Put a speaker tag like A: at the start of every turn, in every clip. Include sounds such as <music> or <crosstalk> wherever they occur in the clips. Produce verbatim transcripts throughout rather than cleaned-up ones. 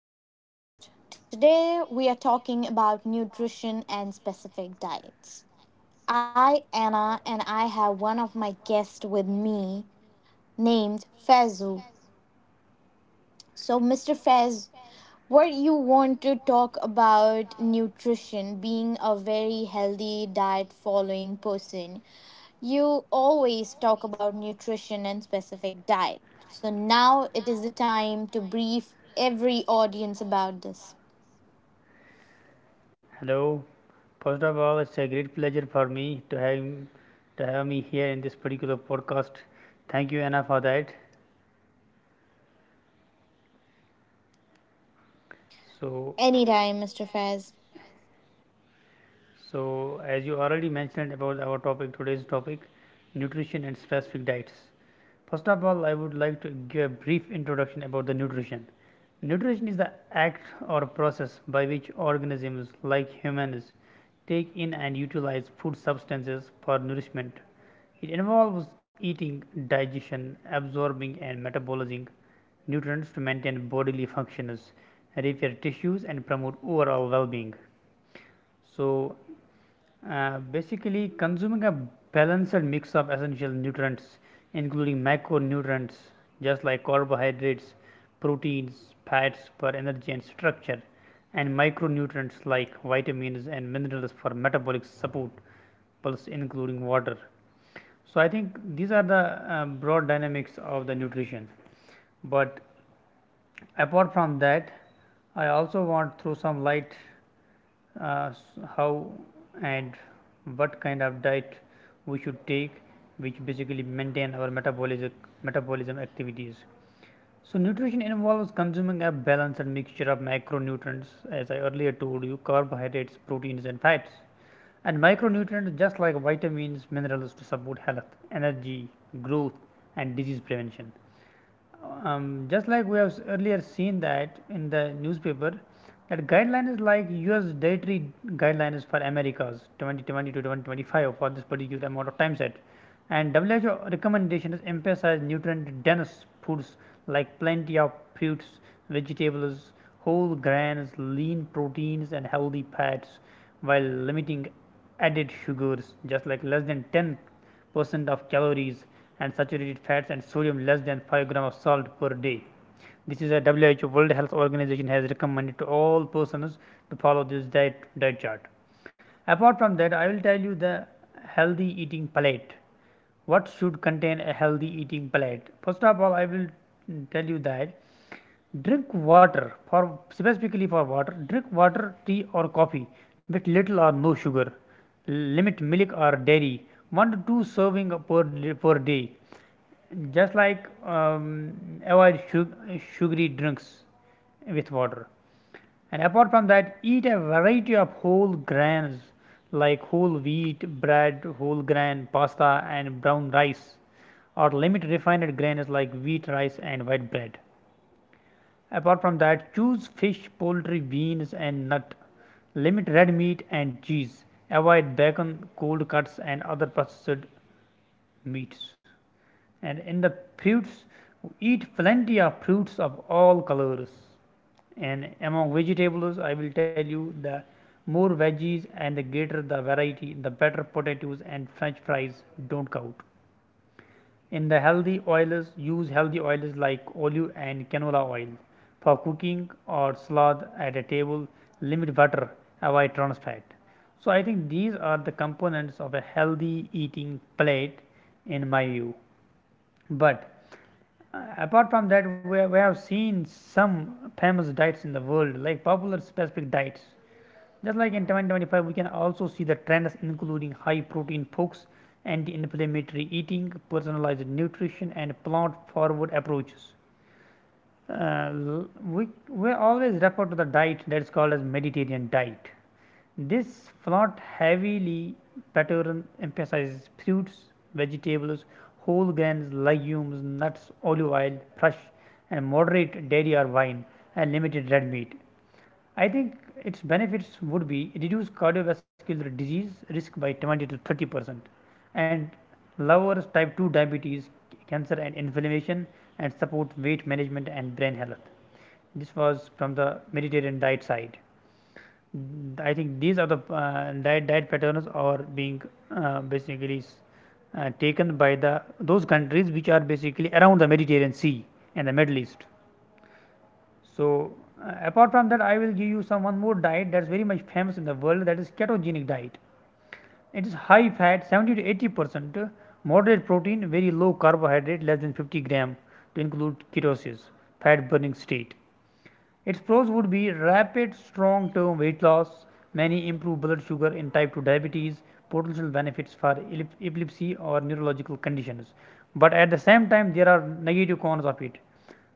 A: to our podcast. Today we are talking about nutrition and specific diets. I, Anna, and I have one of my guests with me named Faizu. So, mister Fez, what you want to talk about nutrition, being a very healthy diet following person, you always talk about nutrition and specific diet. So now it is the time to brief every audience about this.
B: Hello. First of all, it's a great pleasure for me to have to have me here in this particular podcast. Thank you, Anna, for that. So,
A: Anytime, mister Fez.
B: so as you already mentioned about our topic, today's topic, nutrition and specific diets. First of all, I would like to give a brief introduction about the nutrition. Nutrition is the act or process by which organisms like humans take in and utilize food substances for nourishment. It involves eating, digestion, absorbing, and metabolizing nutrients to maintain bodily functions, repair tissues, and promote overall well being. So, uh, basically, consuming a balanced mix of essential nutrients, including macronutrients, just like carbohydrates, proteins, fats for energy and structure, and micronutrients like vitamins and minerals for metabolic support, plus including water, so I think these are the uh, broad dynamics of the nutrition, but apart from that, I also want throw some light, uh, how and what kind of diet we should take, which basically maintain our metabolic metabolism activities. So nutrition involves consuming a balanced mixture of macronutrients, as I earlier told you, carbohydrates, proteins, and fats and micronutrients just like vitamins minerals to support health energy growth and disease prevention. Um, just like we have earlier seen that in the newspaper, that guideline is like U S dietary guideline is for Americas twenty twenty to twenty twenty-five for this particular amount of time set, and W H O recommendation is emphasize nutrient dense foods like plenty of fruits, vegetables, whole grains, lean proteins, and healthy fats, while limiting added sugars, just like less than ten percent of calories and saturated fats and sodium less than five grams of salt per day. This is a W H O World Health Organization has recommended to all persons to follow this diet diet chart. Apart from that, I will tell you the healthy eating palette. What should contain a healthy eating plate? First of all, I will mm, tell you that drink water. For specifically for water, drink water, tea or coffee with little or no sugar. Limit milk or dairy, one to two serving per, per day. Just like, um, avoid sug- sugary drinks with water. And apart from that, eat a variety of whole grains like whole wheat, bread, whole grain, pasta, and brown rice, or limit refined grains like wheat, rice, and white bread. Apart from that, choose fish, poultry, beans, and nut. Limit red meat and cheese. Avoid bacon, cold cuts, and other processed meats. And in the fruits, eat plenty of fruits of all colors. And among vegetables, I will tell you the more veggies and the greater the variety, the better. Potatoes and french fries don't count. In the healthy oils, use healthy oils like olive and canola oil. For cooking or salad at a table, limit butter, avoid trans fat. So I think these are the components of a healthy eating plate in my view. But uh, apart from that, we, we have seen some famous diets in the world, like popular specific diets. Just like in twenty twenty-five, we can also see the trends including high protein folks, anti inflammatory eating, personalized nutrition, and plant forward approaches. Uh, we, we always refer to the diet that is called as Mediterranean diet. This flat heavily pattern emphasizes fruits, vegetables, whole grains, legumes, nuts, olive oil, fresh and moderate dairy or wine, and limited red meat. I think its benefits would be reduce cardiovascular disease risk by twenty to thirty percent, and lowers type two diabetes, cancer, and inflammation, and support weight management and brain health. This was from the Mediterranean diet side. Mm, I think these are the uh, diet diet patterns are being, uh, basically s- uh, taken by the those countries which are basically around the Mediterranean Sea and the Middle East. So, uh, apart from that, I will give you some one more diet that's very much famous in the world, that is ketogenic diet. It is high fat, seventy to eighty percent, uh, moderate protein, very low carbohydrate, less than fifty gram to include ketosis, fat burning state. Its pros would be rapid, strong term weight loss, many improved blood sugar in type two diabetes, potential benefits for epilepsy or neurological conditions. But at the same time, there are negative cons of it,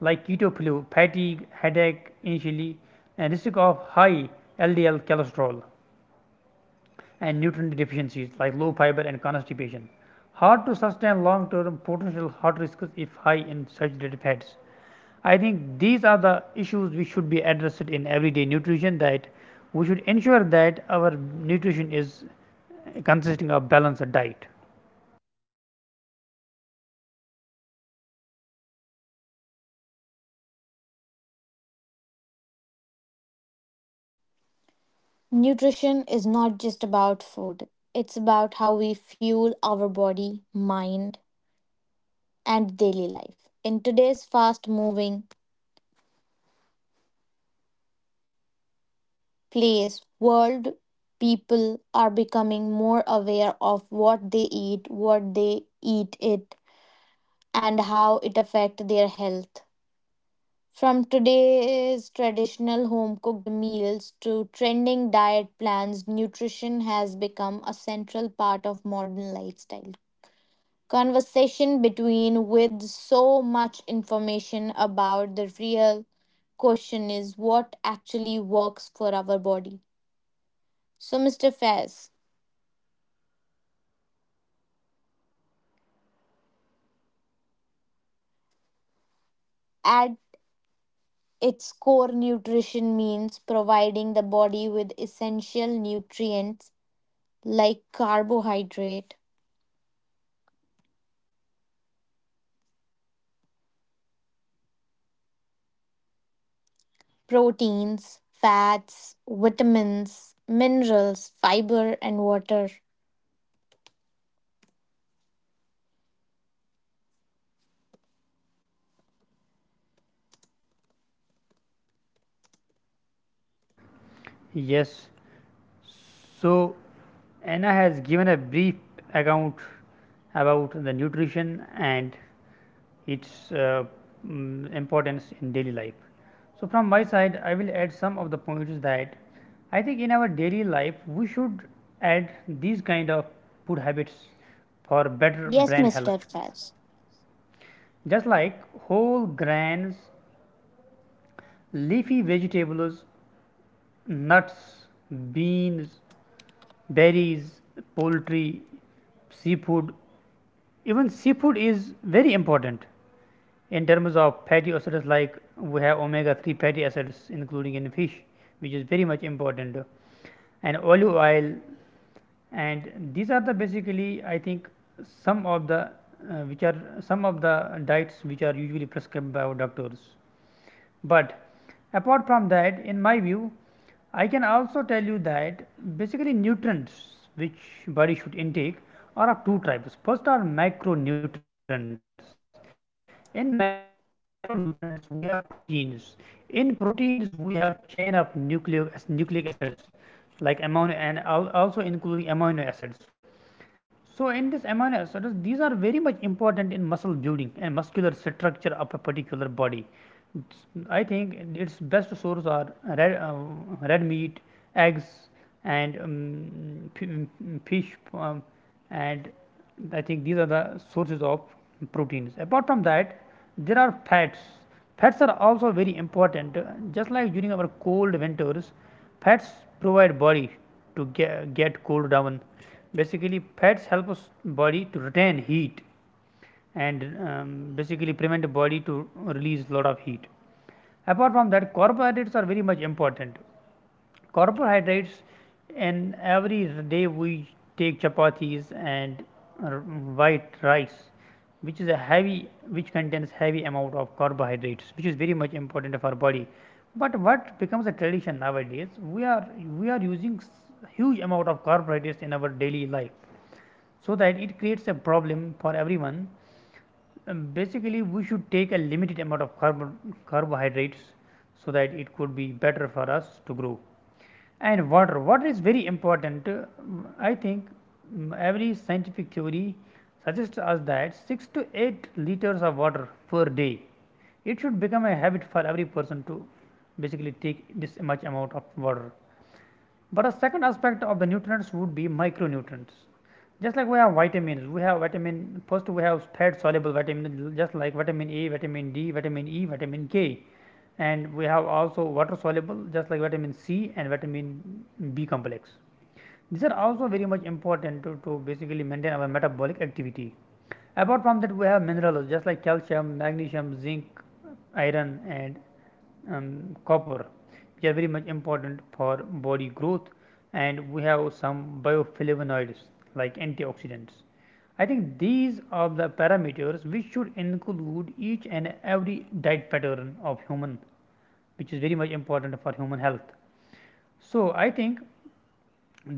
B: like keto flu, fatigue, headache initially, and risk of high L D L cholesterol and nutrient deficiencies like low fiber and constipation. Hard to sustain long term potential heart risks if high in saturated fats. I think these are the issues we should be addressed in everyday nutrition, that we should ensure that our nutrition is consisting of balanced diet.
A: Nutrition is not just about food, it's about how we fuel our body, mind, and daily life. In today's fast moving place, world people are becoming more aware of what they eat, what they eat it, and how it affects their health. From today's traditional home cooked meals to trending diet plans, nutrition has become a central part of modern lifestyle. Conversation between with so much information about the real question is what actually works for our body. So, mister Faiz, at its core, nutrition means providing the body with essential nutrients like carbohydrate proteins, fats, vitamins, minerals, fiber, and water.
B: Yes. So Anna has given a brief account about the nutrition and its uh, mm, importance in daily life. So, from my side I will add some of the points that I think in our daily life we should add these kind of food habits for better
A: Yes,
B: brain health.
A: mister Faz.
B: Just like whole grains, leafy vegetables, nuts, beans, berries, poultry, seafood, even seafood is very important. In terms of fatty acids, like we have omega three fatty acids, including in fish, which is very much important, and olive oil. And these are the basically, I think, some of the uh, which are some of the diets which are usually prescribed by our doctors. But apart from that, in my view, I can also tell you that basically nutrients which body should intake are of two types. First are macronutrients. In macronutrients we have proteins. In proteins we have chain of nucleic nucleic acids like amino and also including amino acids. So, in this amino acids, these are very much important in muscle building and muscular structure of a particular body. I think its best source are red, uh, red meat, eggs, and um, mm, fish, um, and I think these are the sources of proteins. Apart from that, there are fats. Fats are also very important. Uh, Just like during our cold winters, fats provide body to get, get cooled down. Basically, fats help us body to retain heat and, um, basically prevent the body to release lot of heat. Apart from that, carbohydrates are very much important. Carbohydrates in every day we take chapatis and r- white rice, which is a heavy which contains heavy amount of carbohydrates, which is very much important of our body. But what becomes a tradition nowadays, we are we are using s- huge amount of carbohydrates in our daily life, so that it creates a problem for everyone. Um, basically, we should take a limited amount of carb- carbohydrates so that it could be better for us to grow. And water, water is very important. Uh, I think, mm, every scientific theory suggests us that six to eight liters of water per day. It should become a habit for every person to basically take this much amount of water. But a second aspect of the nutrients would be micronutrients. Just like we have vitamins, we have vitamin, first we have fat soluble vitamins, just like vitamin A, vitamin D, vitamin E, vitamin K. And we have also water soluble, just like vitamin C and vitamin B complex. These are also very much important to, to basically maintain our metabolic activity. Apart from that, we have minerals, just like calcium, magnesium, zinc, iron, and, um, copper, which are very much important for body growth. And we have some bioflavonoids like antioxidants. I think these are the parameters which should include each and every diet pattern of human, which is very much important for human health. So I think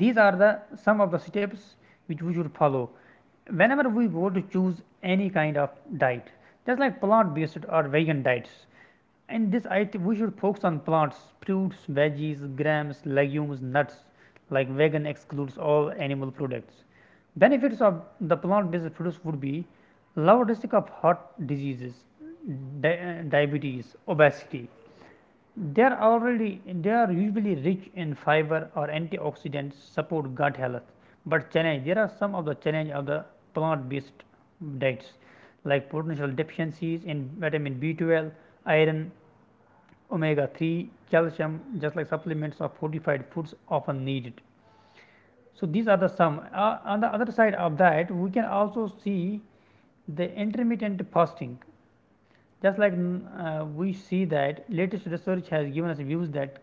B: these are the some of the steps which we should follow whenever we go to choose any kind of diet, just like plant based or vegan diets. And this, I we should focus on plants, fruits, veggies, grams, legumes, nuts. Like vegan excludes all animal products. Benefits of the plant-based produce would be lower risk of heart diseases, di- uh, diabetes, obesity. They are already they are usually rich in fiber or antioxidants, support gut health. But challenge, there are some of the challenge of the plant-based diets, like potential deficiencies in vitamin B twelve, iron, omega three, calcium, just like supplements or fortified foods often needed. So, these are the some. Uh, on the other side of that, we can also see the intermittent fasting. Just like, mm, uh, we see that latest research has given us views that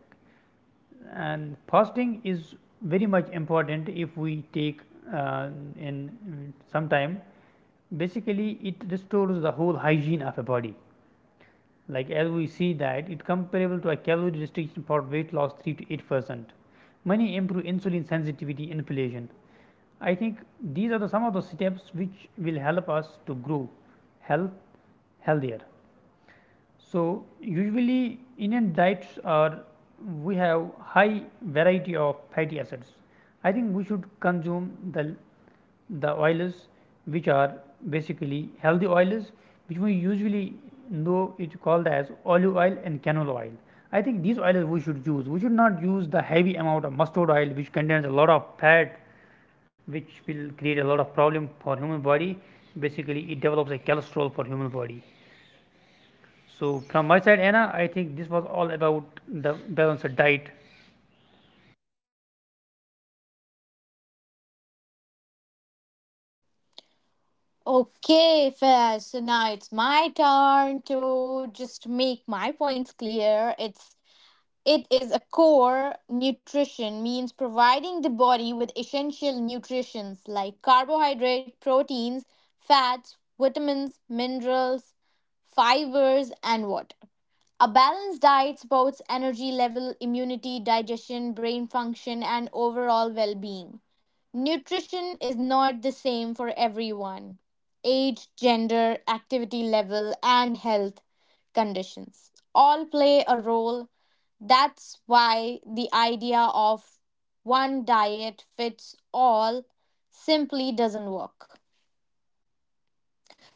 B: and fasting is very much important if we take, uh, in mm, some time. Basically, it restores the whole hygiene of a body. Like as we see that it comparable to a calorie restriction for weight loss three to eight percent, many improve insulin sensitivity inflation. I think these are the some of the steps which will help us to grow health, healthier. So usually Indian diets are, we have high variety of fatty acids. I think we should consume the the oils which are basically healthy oils which we usually know it called as olive oil and canola oil. I think these oils we should use. We should not use the heavy amount of mustard oil which contains a lot of fat which will create a lot of problem for human body. Basically it develops a cholesterol for human body. So from my side, Anna, I think this was all about the balanced diet.
A: Okay, Faz. So now it's my turn to just make my points clear. It's it is a core nutrition means providing the body with essential nutrients like carbohydrate, proteins, fats, vitamins, minerals, fibers and water. A balanced diet supports energy level, immunity, digestion, brain function, and overall well being. Nutrition is not the same for everyone, age, gender, activity level, and health conditions all play a role. That's why the idea of one diet fits all simply doesn't work.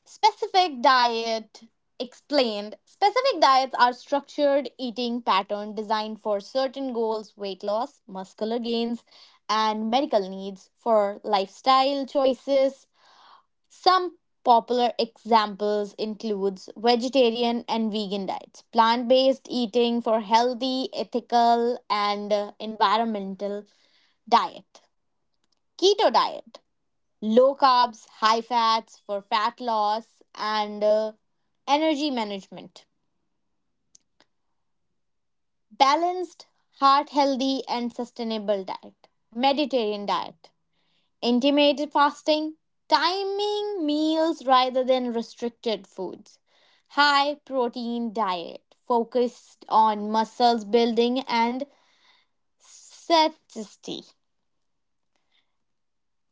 A: Specific diet explained. Specific diets are structured eating pattern designed for certain goals, weight loss, muscular gains, and medical needs for lifestyle choices. Some popular examples includes vegetarian and vegan diets, plant-based eating for healthy, ethical, and uh, environmental diet. Keto diet, low carbs, high fats for fat loss, and uh, energy management. Balanced, heart healthy, and sustainable diet. Mediterranean diet. Intermittent fasting. Timing meals rather than restricted foods. High protein diet focused on muscles building and satiety.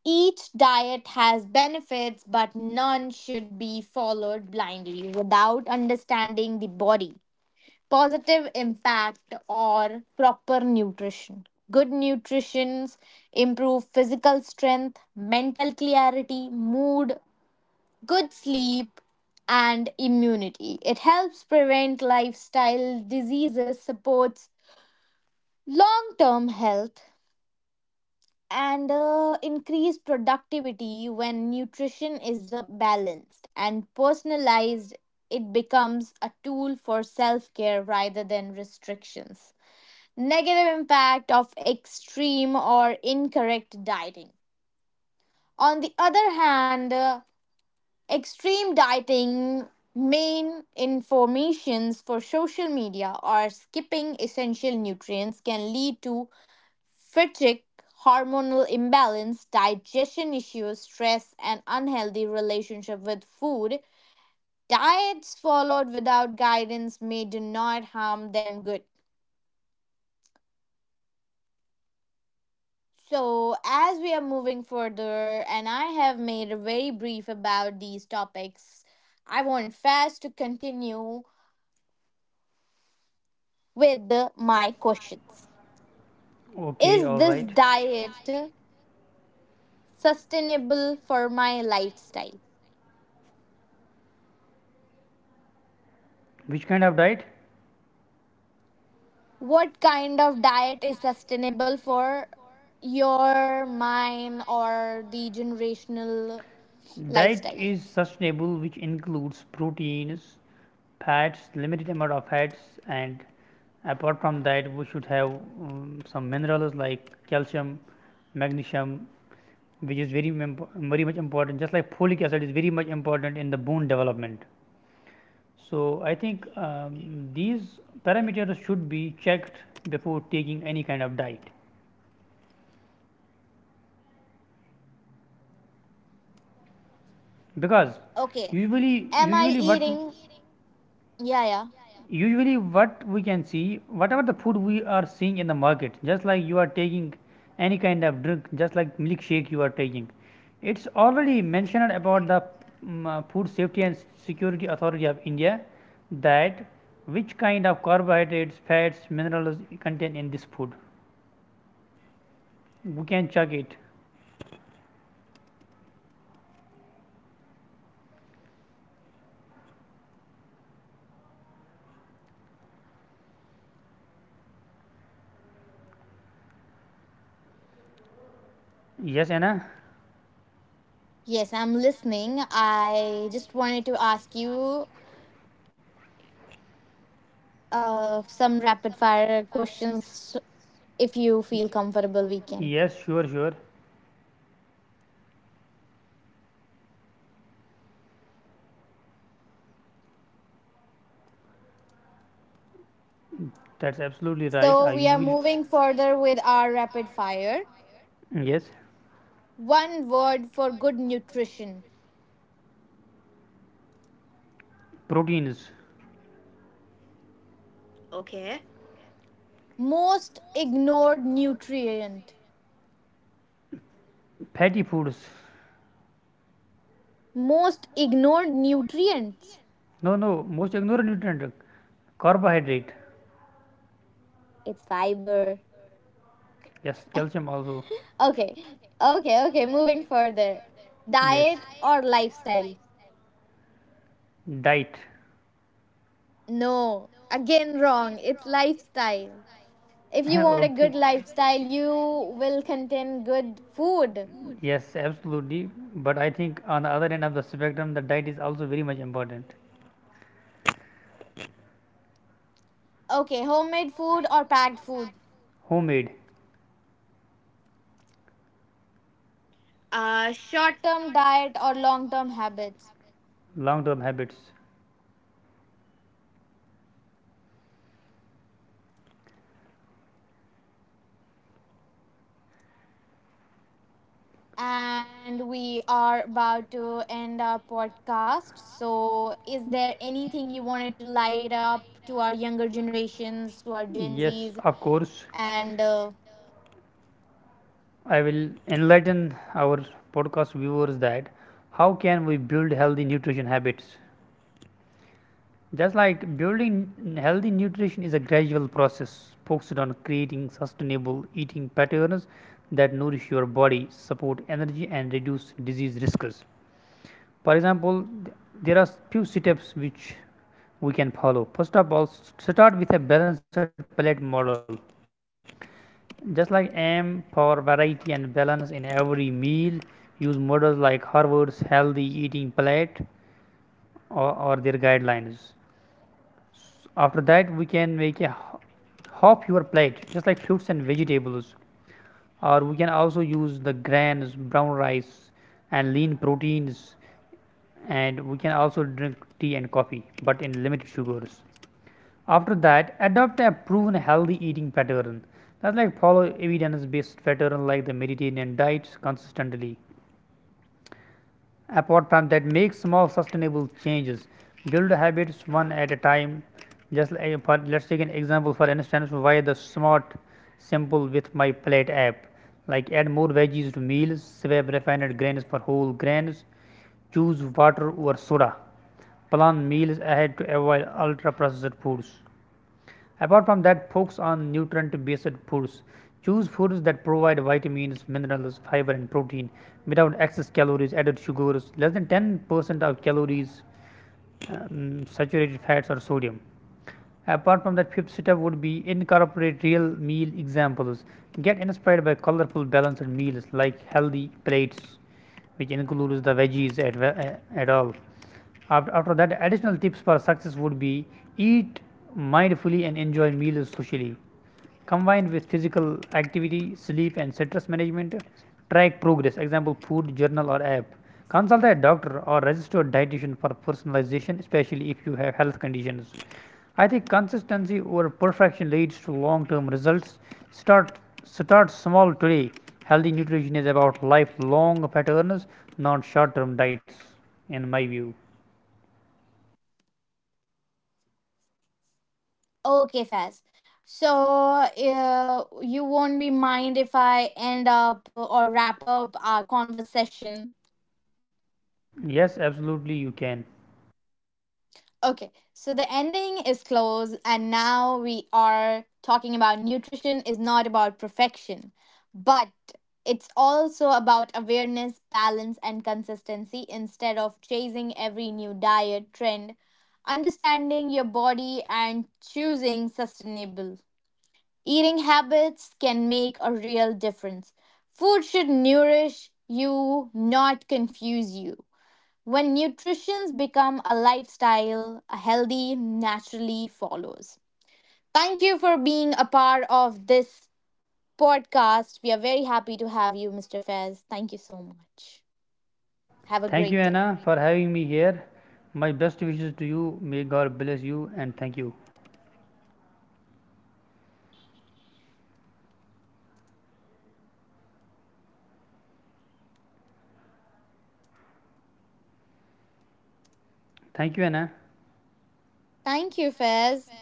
A: Each diet has benefits, but none should be followed blindly without understanding the body, positive impact, or proper nutrition. Good nutrition improve physical strength, mental clarity, mood, good sleep, and immunity. It helps prevent lifestyle diseases, supports long term health, and uh, increase productivity. When nutrition is uh, balanced and personalized, it becomes a tool for self-care rather than restrictions. Negative impact of extreme or incorrect dieting. On the other hand, uh, extreme dieting, main informations for social media or skipping essential nutrients can lead to fatigue, hormonal imbalance, digestion issues, stress, and unhealthy relationship with food. Diets followed without guidance may do not harm them good. So, as we are moving further, and I have made a very brief about these topics, I want fast to continue with the- my questions.
B: Okay,
A: Is
B: all
A: this
B: right.
A: diet sustainable for my lifestyle?
B: Which kind of diet?
A: What kind of diet is sustainable for your mine or the generational
B: Diet
A: lifestyle?
B: is sustainable, which includes proteins, fats, limited amount of fats, and apart from that, we should have um, some minerals like calcium, magnesium, which is very mem- very much important. Just like folic acid is very much important in the bone development. So I think um, these parameters should be checked before taking any kind of diet, because
A: Okay.
B: usually
A: Am I
B: usually what
A: eating? Yeah, yeah.
B: usually what we can see, whatever the food we are seeing in the market, just like you are taking any kind of drink, just like milkshake you are taking, it's already mentioned about the mm, uh, Food Safety and Security Authority of India that which kind of carbohydrates, fats, minerals contain in this food. We can check it. Yes, Anna, if.
A: Yes, I'm listening. I just wanted to ask you uh some rapid fire questions, if you feel comfortable we can.
B: Yes, sure sure That's absolutely right. I
A: So we are
B: usually.
A: moving
B: So
A: further with our rapid fire.
B: fire. Yes.
A: One word for good nutrition?
B: Proteins.
A: Most ignored nutrient?
B: Fatty foods.
A: Most ignored nutrients.
B: No, no, most ignore nutrient, carbohydrate.
A: It's fiber.
B: Yes, calcium also.
A: Okay, okay, okay, moving further.
B: Yes,
A: Diet or lifestyle?
B: lifestyle. Diet.
A: No, again, wrong. It's lifestyle. If
B: <laughs> If you
A: you want a
B: okay.
A: good lifestyle, you will contain good food.
B: Yes, absolutely. But I think on the other end of the spectrum, the diet is also very much important.
A: Okay, homemade food or packed food?
B: Homemade.
A: Uh, short term diet or long term habits?
B: Long term habits.
A: And we are about to end our podcast. So, is there anything you wanted to light up to our younger generations, to our Gen
B: Yes,
A: Zs?
B: of course.
A: And uh,
B: I will enlighten our podcast viewers that how can we build healthy nutrition habits? Just like building n- healthy nutrition is a gradual process focused on creating sustainable eating patterns that nourish your body, support energy, and reduce disease risks. For example, there are few steps which we can follow. First of all, start with a balanced palate model. Just like aim for variety and balance in every meal, use models like Harvard's healthy eating palate or, or their guidelines. After that, we can make a h- half your plate, just like fruits and vegetables, or we can also use the grains, brown rice, and lean proteins, and we can also drink tea and coffee but in limited sugars. After that, adopt a proven healthy eating pattern. That's like follow evidence based pattern like the Mediterranean diet consistently. Apart from that, make small sustainable changes. Build habits one at a time. Just like for, let's take an example for instance why the smart simple with my plate app. Like add more veggies to meals, swap refined grains for whole grains, choose water over soda. Plan meals ahead to avoid ultra processed foods. Apart from that, focus on nutrient based foods. Choose foods that provide vitamins, minerals, fiber and protein without excess calories, added sugars, less than ten percent of calories, um, saturated fats or sodium. Apart from that, fifth step would be incorporate real meal examples. Get inspired by colorful, balanced meals like healthy plates, which includes the veggies at, uh, at all. After, after that, additional tips for success would be eat mindfully and enjoy meals socially. Combined with physical activity, sleep, and stress management, track progress. Example: food journal or app. Consult a doctor or registered dietitian for personalization, especially if you have health conditions. I think consistency over perfection leads to long term results. Start start small today. Healthy nutrition is about lifelong patterns, not short term diets, in my view.
A: okay, Faz. So, uh, you won't be mind if I end up uh, or wrap up our conversation.
B: Yes, absolutely you can.
A: Okay, so the ending is close, and now we are talking about nutrition is not about perfection, but it's also about awareness, balance, and consistency. Instead of chasing every new diet trend, understanding your body, and choosing sustainable. Eating habits can make a real difference. Food should nourish you, not confuse you. When nutrition become a lifestyle, a healthy naturally follows. Thank you for being a part of this podcast. We are very happy to have you, mister Fez. Thank you so much. Have a
B: Thank you,
A: great day.
B: Anna, for having me here. My best wishes to you. May God bless you and thank you. Thank you, Anna.
A: Thank you, Fez.